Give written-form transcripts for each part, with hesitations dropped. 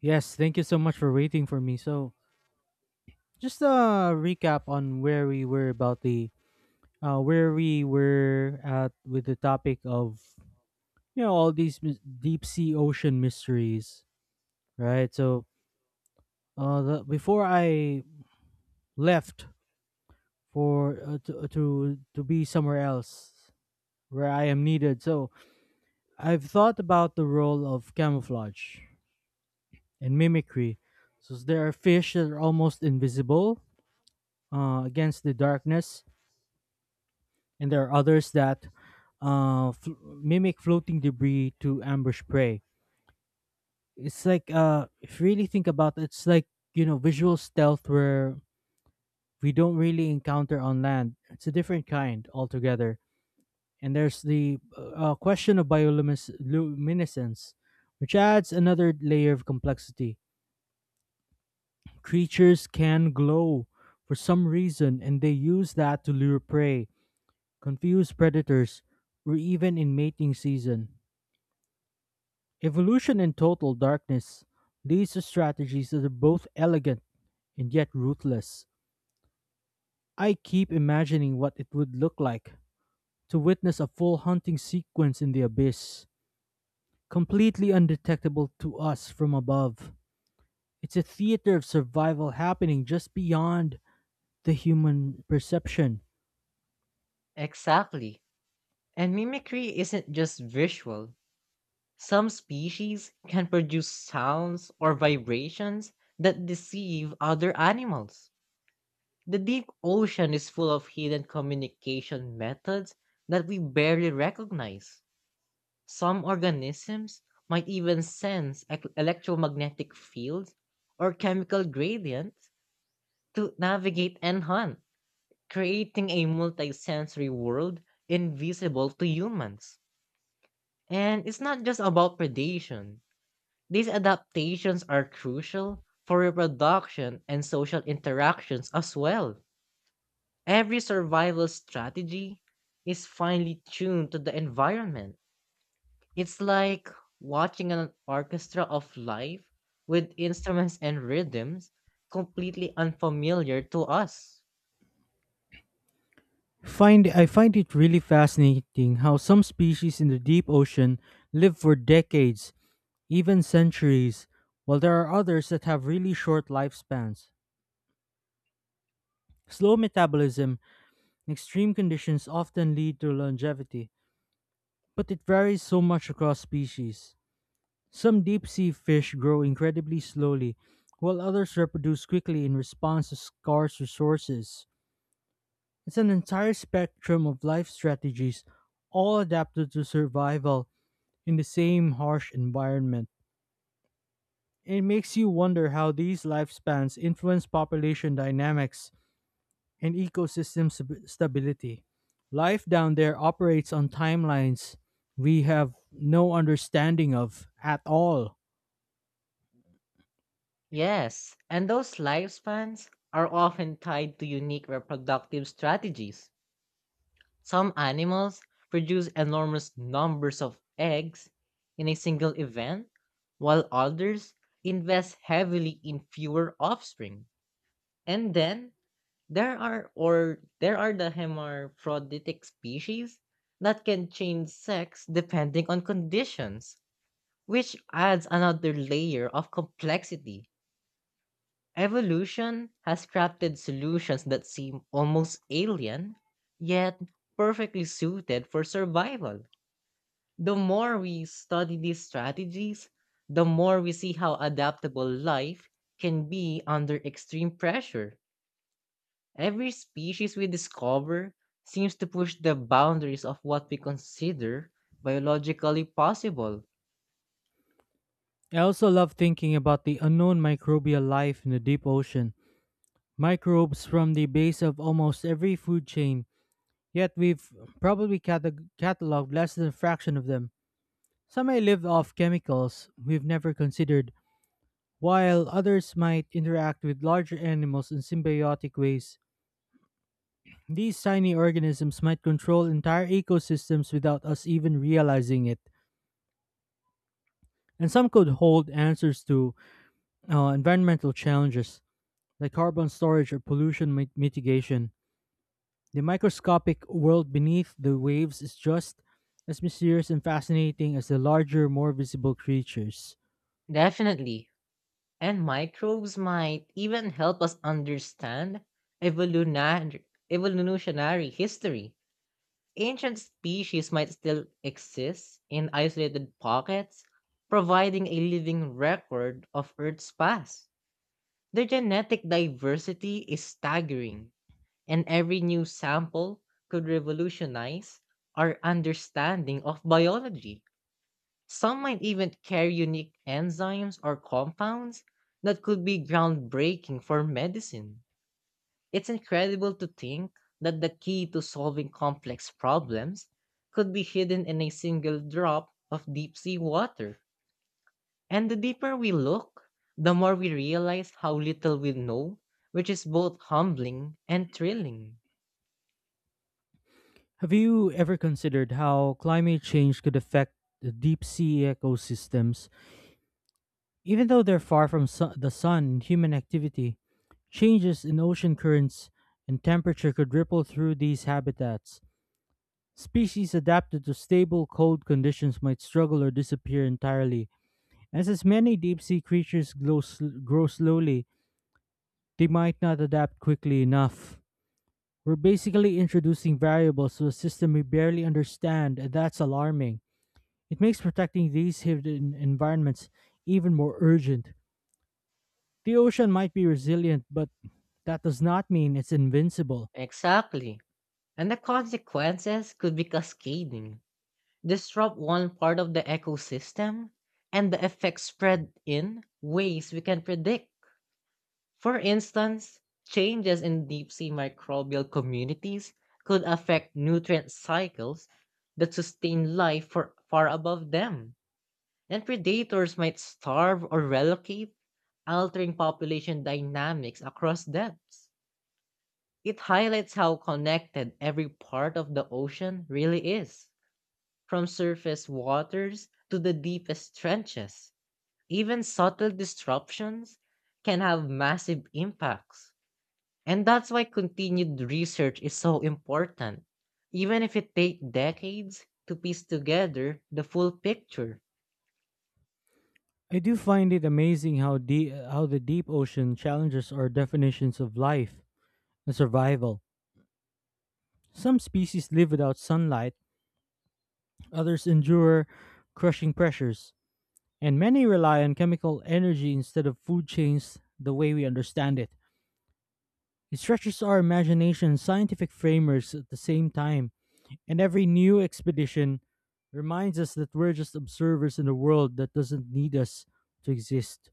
Yes, thank you so much for waiting for me. So, just a recap on where we were at with the topic of all these deep sea ocean mysteries, right? So, before I left for to be somewhere else where I am needed, so I've thought about the role of camouflage and mimicry. So there are fish that are almost invisible against the darkness, and there are others that mimic floating debris to ambush prey. It's like if you really think about it, it's like visual stealth where we don't really encounter on land. It's a different kind altogether. And there's the question of bioluminescence, which adds another layer of complexity. Creatures can glow for some reason, and they use that to lure prey, confuse predators, or even in mating season. Evolution and total darkness. These are strategies that are both elegant and yet ruthless. I keep imagining what it would look like to witness a full hunting sequence in the abyss, completely undetectable to us from above. It's a theater of survival happening just beyond the human perception. Exactly. And mimicry isn't just visual. Some species can produce sounds or vibrations that deceive other animals. The deep ocean is full of hidden communication methods that we barely recognize. Some organisms might even sense electromagnetic fields or chemical gradients to navigate and hunt, creating a multisensory world invisible to humans. And it's not just about predation. These adaptations are crucial for reproduction and social interactions as well. Every survival strategy is finely tuned to the environment. It's like watching an orchestra of life with instruments and rhythms completely unfamiliar to us. Find I find it really fascinating how some species in the deep ocean live for decades, even centuries, while there are others that have really short lifespans. Slow metabolism and extreme conditions often lead to longevity, but it varies so much across species. Some deep sea fish grow incredibly slowly, while others reproduce quickly in response to scarce resources. It's an entire spectrum of life strategies, all adapted to survival in the same harsh environment. It makes you wonder how these lifespans influence population dynamics and ecosystem stability. Life down there operates on timelines we have no understanding of at all. Yes, and those lifespans are often tied to unique reproductive strategies. Some animals produce enormous numbers of eggs in a single event, while others invest heavily in fewer offspring. And then there are the hermaphroditic species that can change sex depending on conditions, which adds another layer of complexity. Evolution has crafted solutions that seem almost alien, yet perfectly suited for survival. The more we study these strategies, the more we see how adaptable life can be under extreme pressure. Every species we discover seems to push the boundaries of what we consider biologically possible. I also love thinking about the unknown microbial life in the deep ocean. Microbes from the base of almost every food chain, yet we've probably cataloged less than a fraction of them. Some may live off chemicals we've never considered, while others might interact with larger animals in symbiotic ways, these tiny organisms might control entire ecosystems without us even realizing it. And some could hold answers to environmental challenges like carbon storage or pollution mitigation. The microscopic world beneath the waves is just as mysterious and fascinating as the larger, more visible creatures. Definitely. And microbes might even help us understand evolutionary history. Ancient species might still exist in isolated pockets, providing a living record of Earth's past. Their genetic diversity is staggering, and every new sample could revolutionize our understanding of biology. Some might even carry unique enzymes or compounds that could be groundbreaking for medicine. It's incredible to think that the key to solving complex problems could be hidden in a single drop of deep sea water. And the deeper we look, the more we realize how little we know, which is both humbling and thrilling. Have you ever considered how climate change could affect the deep sea ecosystems? Even though they're far from the sun, human activity, changes in ocean currents, and temperature could ripple through these habitats. Species adapted to stable, cold conditions might struggle or disappear entirely. As many deep sea creatures grow slowly, they might not adapt quickly enough. We're basically introducing variables to a system we barely understand, and that's alarming. It makes protecting these hidden environments even more urgent. The ocean might be resilient, but that does not mean it's invincible. Exactly. And the consequences could be cascading. Disrupt one part of the ecosystem and the effects spread in ways we can predict. For instance, changes in deep sea microbial communities could affect nutrient cycles that sustain life for far above them, and predators might starve or relocate, altering population dynamics across depths. It highlights how connected every part of the ocean really is. From surface waters to the deepest trenches, even subtle disruptions can have massive impacts. And that's why continued research is so important, even if it takes decades to piece together the full picture. I do find it amazing how the deep ocean challenges our definitions of life and survival. Some species live without sunlight, others endure crushing pressures, and many rely on chemical energy instead of food chains the way we understand it. It stretches our imagination and scientific frameworks at the same time. And every new expedition reminds us that we're just observers in a world that doesn't need us to exist.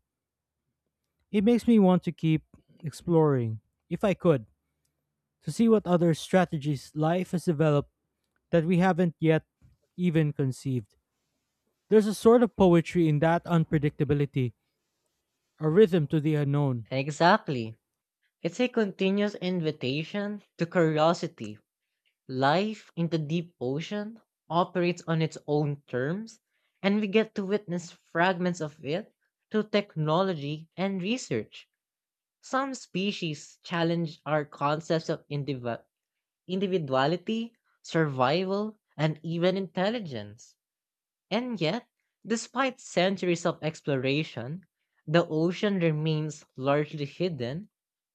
It makes me want to keep exploring, if I could, to see what other strategies life has developed that we haven't yet even conceived. There's a sort of poetry in that unpredictability, a rhythm to the unknown. Exactly. It's a continuous invitation to curiosity. Life in the deep ocean operates on its own terms, and we get to witness fragments of it through technology and research. Some species challenge our concepts of individuality, survival, and even intelligence. And yet, despite centuries of exploration, the ocean remains largely hidden,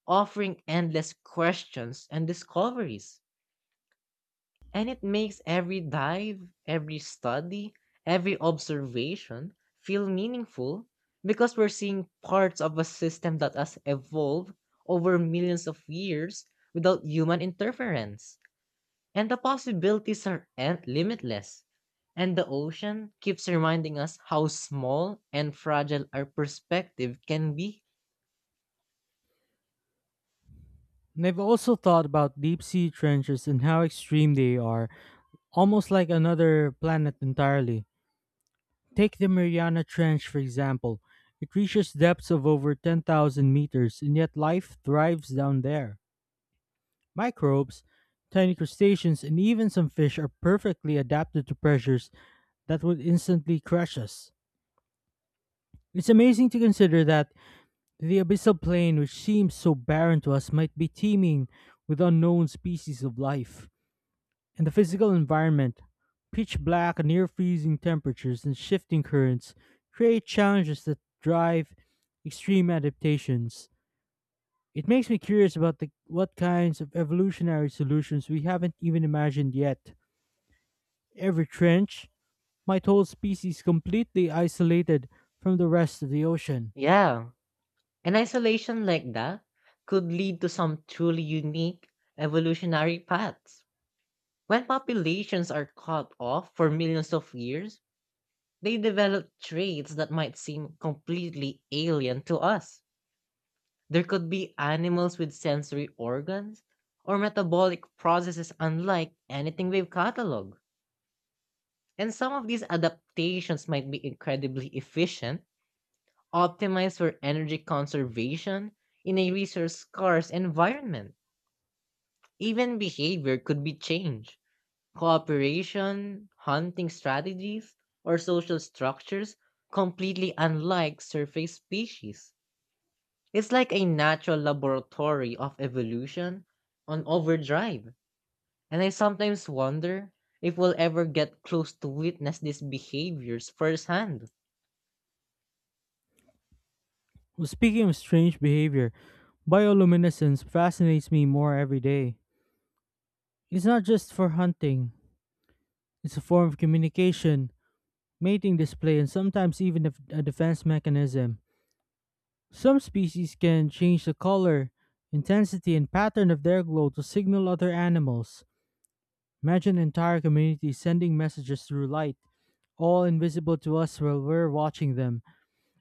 offering endless questions and discoveries. And it makes every dive, every study, every observation feel meaningful because we're seeing parts of a system that has evolved over millions of years without human interference. And the possibilities are limitless. And the ocean keeps reminding us how small and fragile our perspective can be. And I've also thought about deep sea trenches and how extreme they are, almost like another planet entirely. Take the Mariana Trench, for example. It reaches depths of over 10,000 meters, and yet life thrives down there. Microbes, tiny crustaceans, and even some fish are perfectly adapted to pressures that would instantly crush us. It's amazing to consider that the abyssal plain, which seems so barren to us, might be teeming with unknown species of life. And the physical environment, pitch black, near freezing temperatures, and shifting currents, create challenges that drive extreme adaptations. It makes me curious about the, what kinds of evolutionary solutions we haven't even imagined yet. Every trench might hold species completely isolated from the rest of the ocean. Yeah, an isolation like that could lead to some truly unique evolutionary paths. When populations are cut off for millions of years, they develop traits that might seem completely alien to us. There could be animals with sensory organs or metabolic processes unlike anything we've cataloged. And some of these adaptations might be incredibly efficient, optimized for energy conservation in a resource scarce environment. Even behavior could be changed: cooperation, hunting strategies, or social structures completely unlike surface species. It's like a natural laboratory of evolution on overdrive, and I sometimes wonder if we'll ever get close to witness these behaviors firsthand. Well, speaking of strange behavior, bioluminescence fascinates me more every day. It's not just for hunting, it's a form of communication, mating display, and sometimes even a defense mechanism. Some species can change the color, intensity, and pattern of their glow to signal other animals. Imagine entire communities sending messages through light, all invisible to us while we're watching them.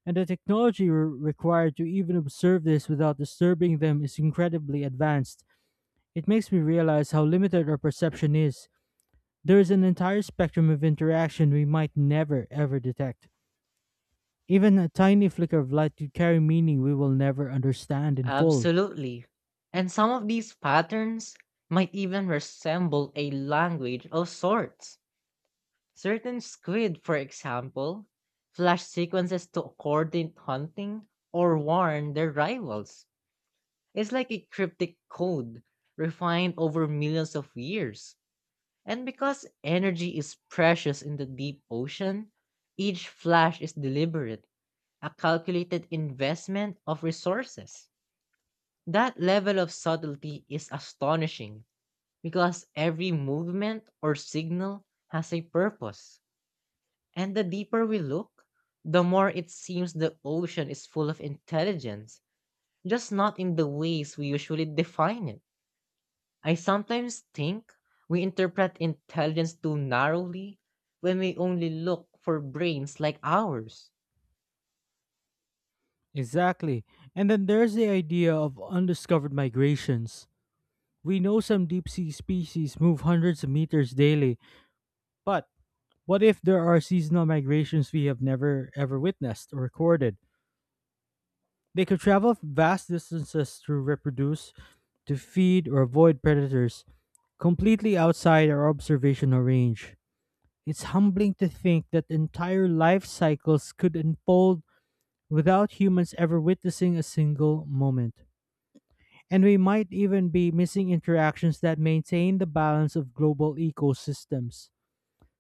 And the technology required to even observe this without disturbing them is incredibly advanced. It makes me realize how limited our perception is. There is an entire spectrum of interaction we might never ever detect. Even a tiny flicker of light could carry meaning we will never understand in full. Absolutely. And some of these patterns might even resemble a language of sorts. Certain squid, for example, flash sequences to coordinate hunting or warn their rivals. It's like a cryptic code refined over millions of years. And because energy is precious in the deep ocean, each flash is deliberate, a calculated investment of resources. That level of subtlety is astonishing because every movement or signal has a purpose. And the deeper we look, the more it seems the ocean is full of intelligence, just not in the ways we usually define it. I sometimes think we interpret intelligence too narrowly when we only look for brains like ours. Exactly. And then there's the idea of undiscovered migrations. We know some deep sea species move hundreds of meters daily, but what if there are seasonal migrations we have never ever witnessed or recorded? They could travel vast distances to reproduce, to feed, or avoid predators, completely outside our observational range. It's humbling to think that entire life cycles could unfold without humans ever witnessing a single moment. And we might even be missing interactions that maintain the balance of global ecosystems.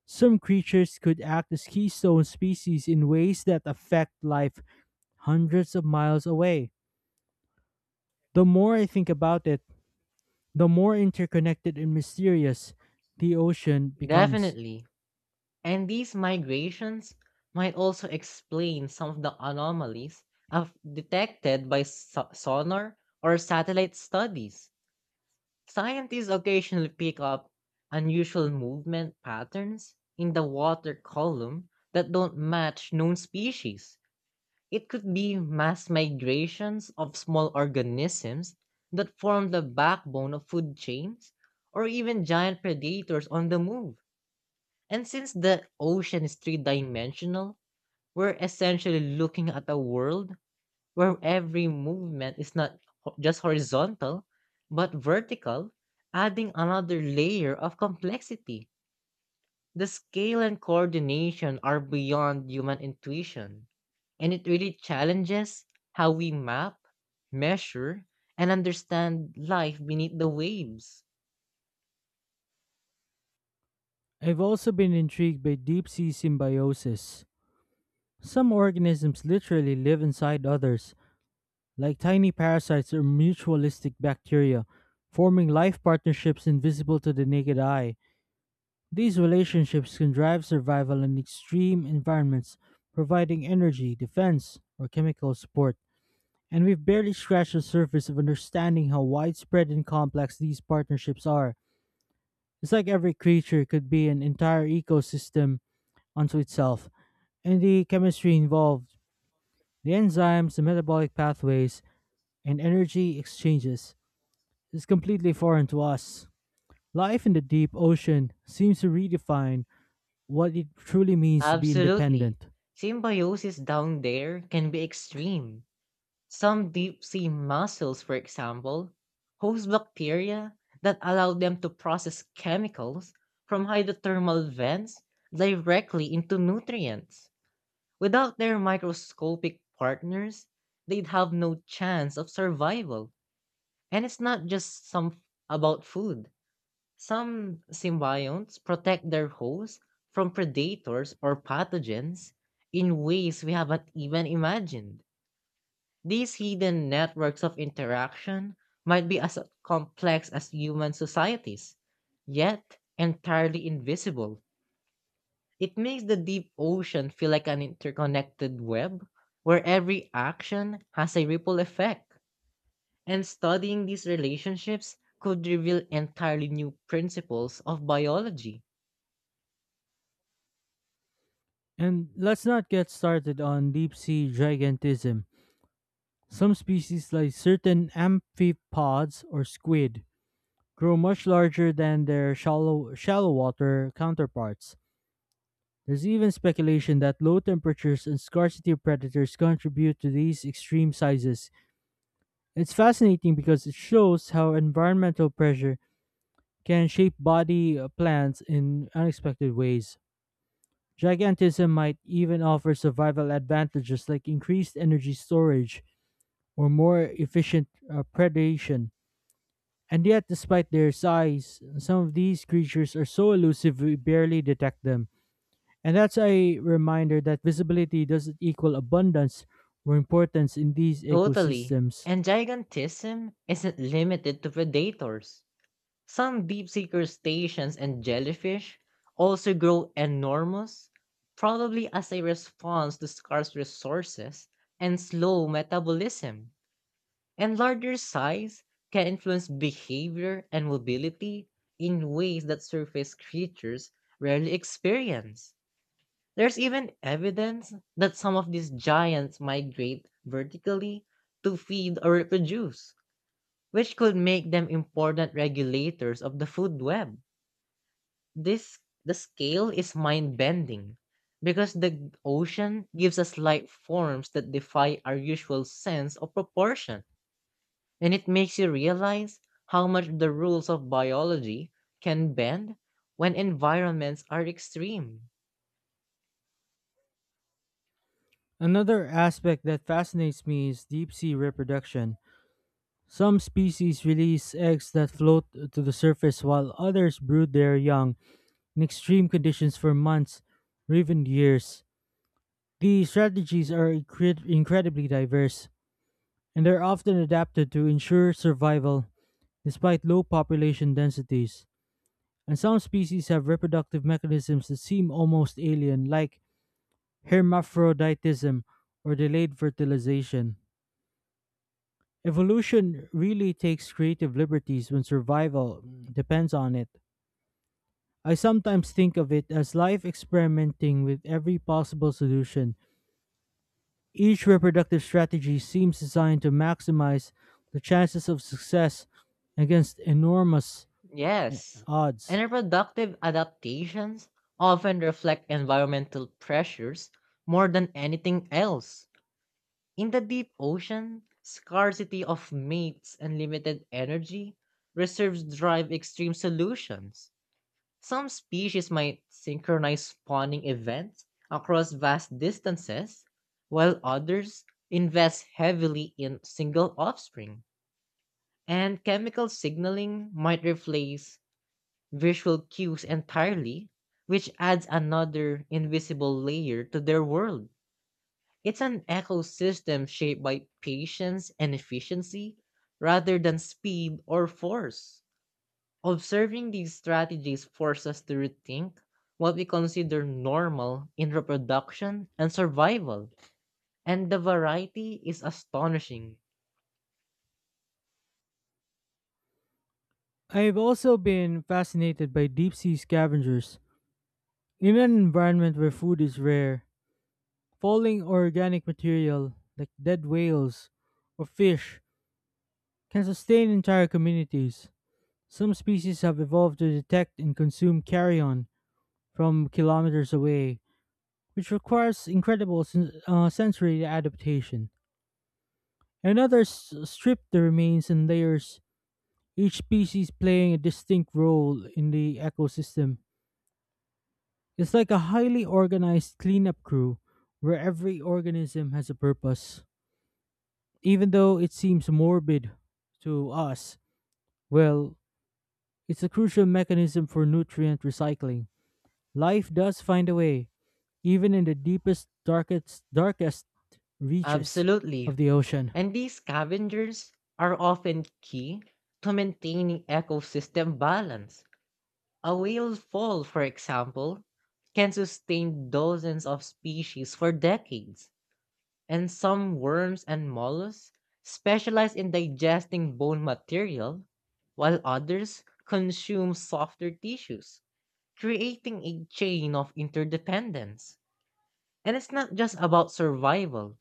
Some creatures could act as keystone species in ways that affect life hundreds of miles away. The more I think about it, the more interconnected and mysterious the ocean becomes. Definitely. And these migrations might also explain some of the anomalies of detected by sonar or satellite studies. Scientists occasionally pick up unusual movement patterns in the water column that don't match known species. It could be mass migrations of small organisms that form the backbone of food chains, or even giant predators on the move. And since the ocean is three dimensional, we're essentially looking at a world where every movement is not just horizontal, but vertical, adding another layer of complexity. The scale and coordination are beyond human intuition, and it really challenges how we map, measure, and understand life beneath the waves. I've also been intrigued by deep sea symbiosis. Some organisms literally live inside others, like tiny parasites or mutualistic bacteria, forming life partnerships invisible to the naked eye. These relationships can drive survival in extreme environments, providing energy, defense, or chemical support. And we've barely scratched the surface of understanding how widespread and complex these partnerships are. It's like every creature could be an entire ecosystem unto itself, and the chemistry involved, the enzymes, the metabolic pathways, and energy exchanges is completely foreign to us. Life in the deep ocean seems to redefine what it truly means to be Absolutely. independent. Symbiosis down there can be extreme. Some deep sea mussels, for example, host bacteria that allow them to process chemicals from hydrothermal vents directly into nutrients. Without their microscopic partners, they'd have no chance of survival. And it's not just some about food. Some symbionts protect their hosts from predators or pathogens in ways we haven't even imagined. These hidden networks of interaction might be as complex as human societies, yet entirely invisible. It makes the deep ocean feel like an interconnected web where every action has a ripple effect. And studying these relationships could reveal entirely new principles of biology. And let's not get started on deep sea gigantism. Some species, like certain amphipods or squid, grow much larger than their shallow water counterparts. There's even speculation that low temperatures and scarcity of predators contribute to these extreme sizes. It's fascinating because it shows how environmental pressure can shape body plans in unexpected ways. Gigantism might even offer survival advantages like increased energy storage or more efficient predation. And yet, despite their size, some of these creatures are so elusive we barely detect them. And that's a reminder that visibility doesn't equal abundance or importance in these Totally. ecosystems. And gigantism isn't limited to predators. Some deep sea crustaceans and jellyfish also grow enormous, probably as a response to scarce resources and slow metabolism. And larger size can influence behavior and mobility in ways that surface creatures rarely experience. There's even evidence that some of these giants migrate vertically to feed or reproduce, which could make them important regulators of the food web. This The scale is mind-bending because the ocean gives us light forms that defy our usual sense of proportion, and it makes you realize how much the rules of biology can bend when environments are extreme. Another aspect that fascinates me is deep sea reproduction. Some species release eggs that float to the surface while others brood their young in extreme conditions for months or even years. These strategies are incredibly diverse, and they are often adapted to ensure survival despite low population densities. And some species have reproductive mechanisms that seem almost alien, like hermaphroditism or delayed fertilization. Evolution really takes creative liberties when survival depends on it. I sometimes think of it as life experimenting with every possible solution. Each reproductive strategy seems designed to maximize the chances of success against enormous eh, Yes, and odds. reproductive adaptations often reflect environmental pressures more than anything else. In the deep ocean, scarcity of mates and limited energy, reserves drive extreme solutions. Some species might synchronize spawning events across vast distances, while others invest heavily in single offspring. And chemical signaling might replace visual cues entirely, which adds another invisible layer to their world. It's an ecosystem shaped by patience and efficiency rather than speed or force. Observing these strategies forces us to rethink what we consider normal in reproduction and survival, and the variety is astonishing. I've also been fascinated by deep sea scavengers. In an environment where food is rare, falling organic material like dead whales or fish can sustain entire communities. Some species have evolved to detect and consume carrion from kilometers away, which requires incredible sensory adaptation. And others strip the remains in layers, each species playing a distinct role in the ecosystem. It's like a highly organized cleanup crew where every organism has a purpose. Even though it seems morbid to us, well, it's a crucial mechanism for nutrient recycling. Life does find a way, even in the deepest, darkest reaches Absolutely. of the ocean. And these scavengers are often key to maintaining ecosystem balance. A whale fall, for example, can sustain dozens of species for decades, and some worms and mollusks specialize in digesting bone material, while others consume softer tissues, creating a chain of interdependence. And it's not just about survival,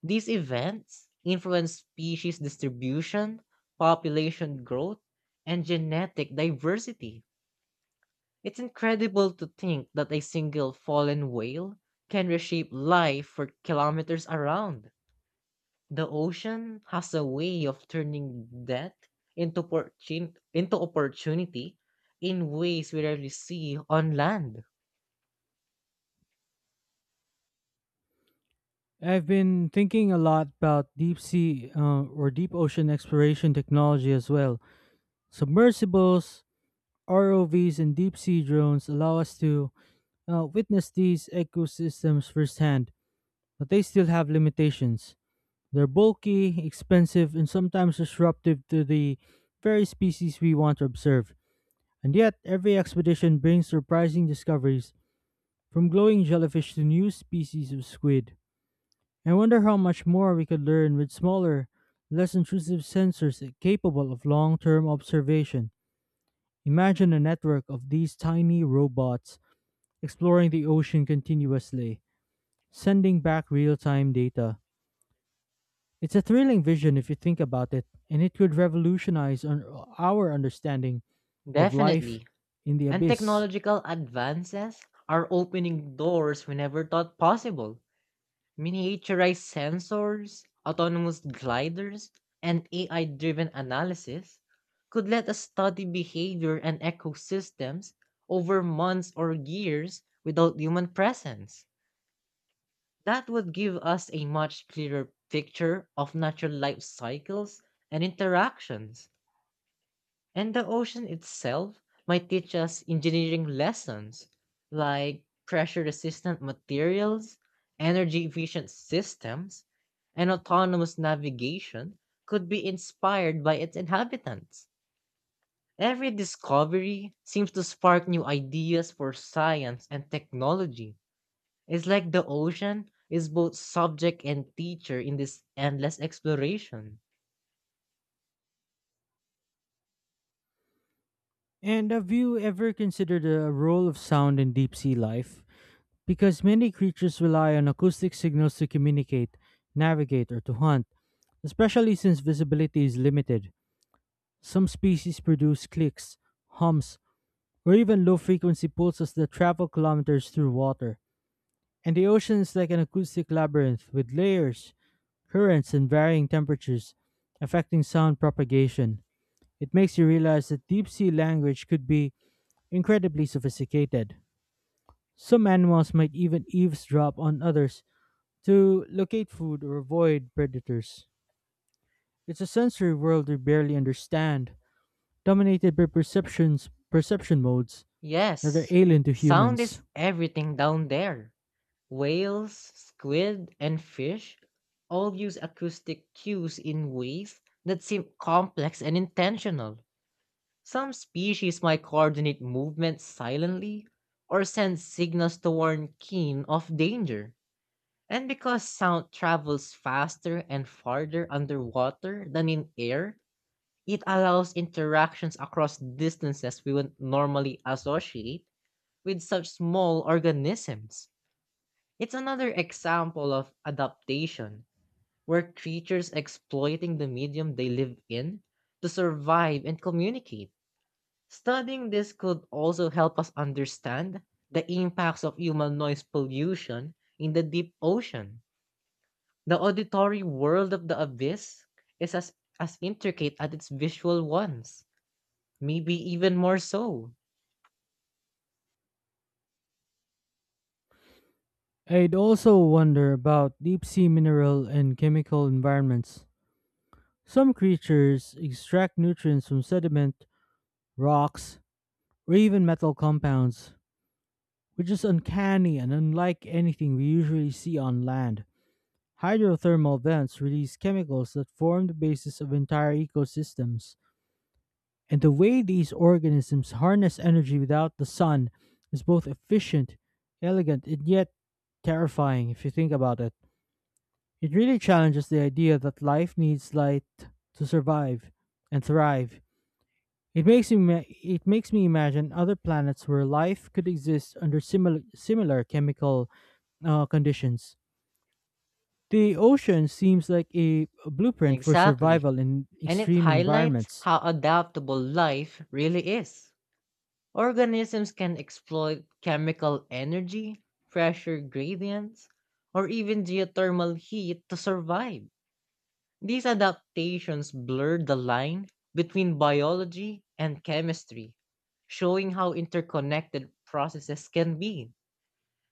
these events influence species distribution, population growth, and genetic diversity. It's incredible to think that a single fallen whale can reshape life for kilometers around. The ocean has a way of turning death into into opportunity in ways we rarely see on land. I've been thinking a lot about deep sea or deep ocean exploration technology as well. Submersibles, ROVs, and deep sea drones allow us to witness these ecosystems firsthand, but they still have limitations. They're bulky, expensive, and sometimes disruptive to the very species we want to observe. And yet, every expedition brings surprising discoveries, from glowing jellyfish to new species of squid. I wonder how much more we could learn with smaller, less intrusive sensors capable of long term observation. Imagine a network of these tiny robots exploring the ocean continuously, sending back real time data. It's a thrilling vision if you think about it, and it could revolutionize our understanding of life Definitely. in the And abyss. technological advances are opening doors we never thought possible. Miniaturized sensors, autonomous gliders, and AI driven analysis could let us study behavior and ecosystems over months or years without human presence. That would give us a much clearer picture of natural life cycles and interactions. And the ocean itself might teach us engineering lessons like pressure resistant materials, energy efficient systems, and autonomous navigation could be inspired by its inhabitants. Every discovery seems to spark new ideas for science and technology. It's like the ocean is both subject and teacher in this endless exploration. And have you ever considered the role of sound in deep sea life? Because many creatures rely on acoustic signals to communicate, navigate, or to hunt, especially since visibility is limited. Some species produce clicks, hums, or even low frequency pulses that travel kilometers through water. And the ocean is like an acoustic labyrinth with layers, currents, and varying temperatures affecting sound propagation. It makes you realize that deep sea language could be incredibly sophisticated. Some animals might even eavesdrop on others to locate food or avoid predators. It's a sensory world we barely understand, dominated by perception modes that are Yes, alien to sound is humans. everything down there. Whales, squid, and fish all use acoustic cues in ways that seem complex and intentional. Some species might coordinate movements silently or send signals to warn keen of danger. And because sound travels faster and farther underwater than in air, it allows interactions across distances we would normally associate with such small organisms. It's another example of adaptation, where creatures exploiting the medium they live in to survive and communicate. Studying this could also help us understand the impacts of human noise pollution in the deep ocean. The auditory world of the abyss is as intricate as its visual ones, maybe even more so. I'd also wonder about deep sea mineral and chemical environments. Some creatures extract nutrients from sediment, rocks, or even metal compounds, which is uncanny and unlike anything we usually see on land. Hydrothermal vents release chemicals that form the basis of entire ecosystems, and the way these organisms harness energy without the sun is both efficient, elegant, and yet terrifying if you think about it. It really challenges the idea that life needs light to survive and thrive. It makes me imagine other planets where life could exist under similar chemical conditions. The ocean seems like a blueprint for Exactly. survival in And it extreme highlights environments. how adaptable life really is. Organisms can exploit chemical energy, pressure gradients, or even geothermal heat to survive. These adaptations blur the line between biology and chemistry, showing how interconnected processes can be.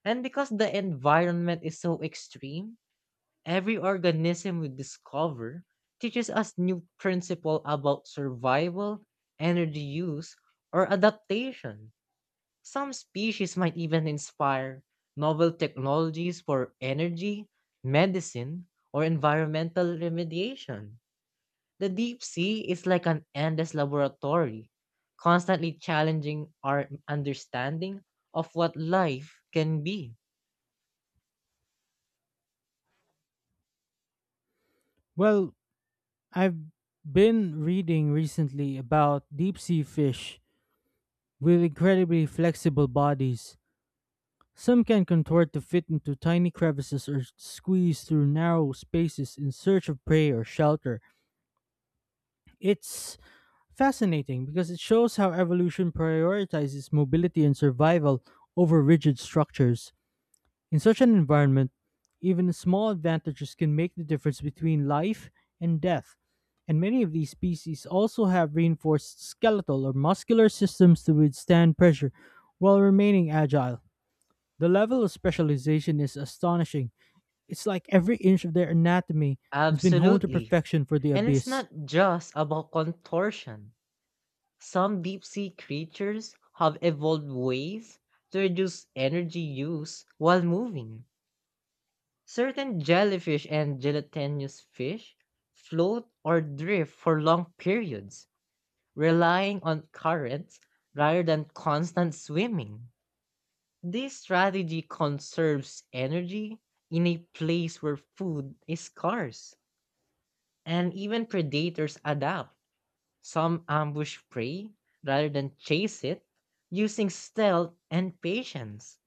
And because the environment is so extreme, every organism we discover teaches us new principle about survival, energy use, or adaptation. Some species might even inspire novel technologies for energy, medicine, or environmental remediation. The deep sea is like an endless laboratory, constantly challenging our understanding of what life can be. Well, I've been reading recently about deep sea fish with incredibly flexible bodies. Some can contort to fit into tiny crevices or squeeze through narrow spaces in search of prey or shelter. It's fascinating because it shows how evolution prioritizes mobility and survival over rigid structures. In such an environment, even small advantages can make the difference between life and death. And many of these species also have reinforced skeletal or muscular systems to withstand pressure while remaining agile. The level of specialization is astonishing. It's like every inch of their anatomy has been honed to Absolutely. perfection for the And it's abyss. not just about contortion. Some deep sea creatures have evolved ways to reduce energy use while moving. Certain jellyfish and gelatinous fish float or drift for long periods, relying on currents rather than constant swimming. This strategy conserves energy in a place where food is scarce, and even predators adapt. Some ambush prey rather than chase it, using stealth and patience.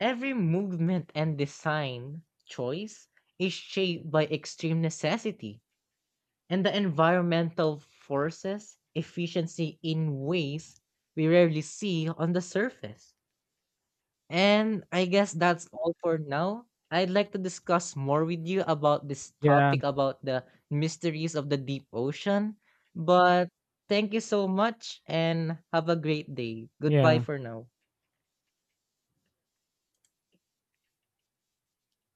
Every movement and design choice is shaped by extreme necessity and the environmental forces efficiency in ways we rarely see on the surface. And I guess that's all for now. I'd like to discuss more with you about this Yeah, topic about the mysteries of the deep ocean. But thank you so much and have a great day. Goodbye yeah. for now.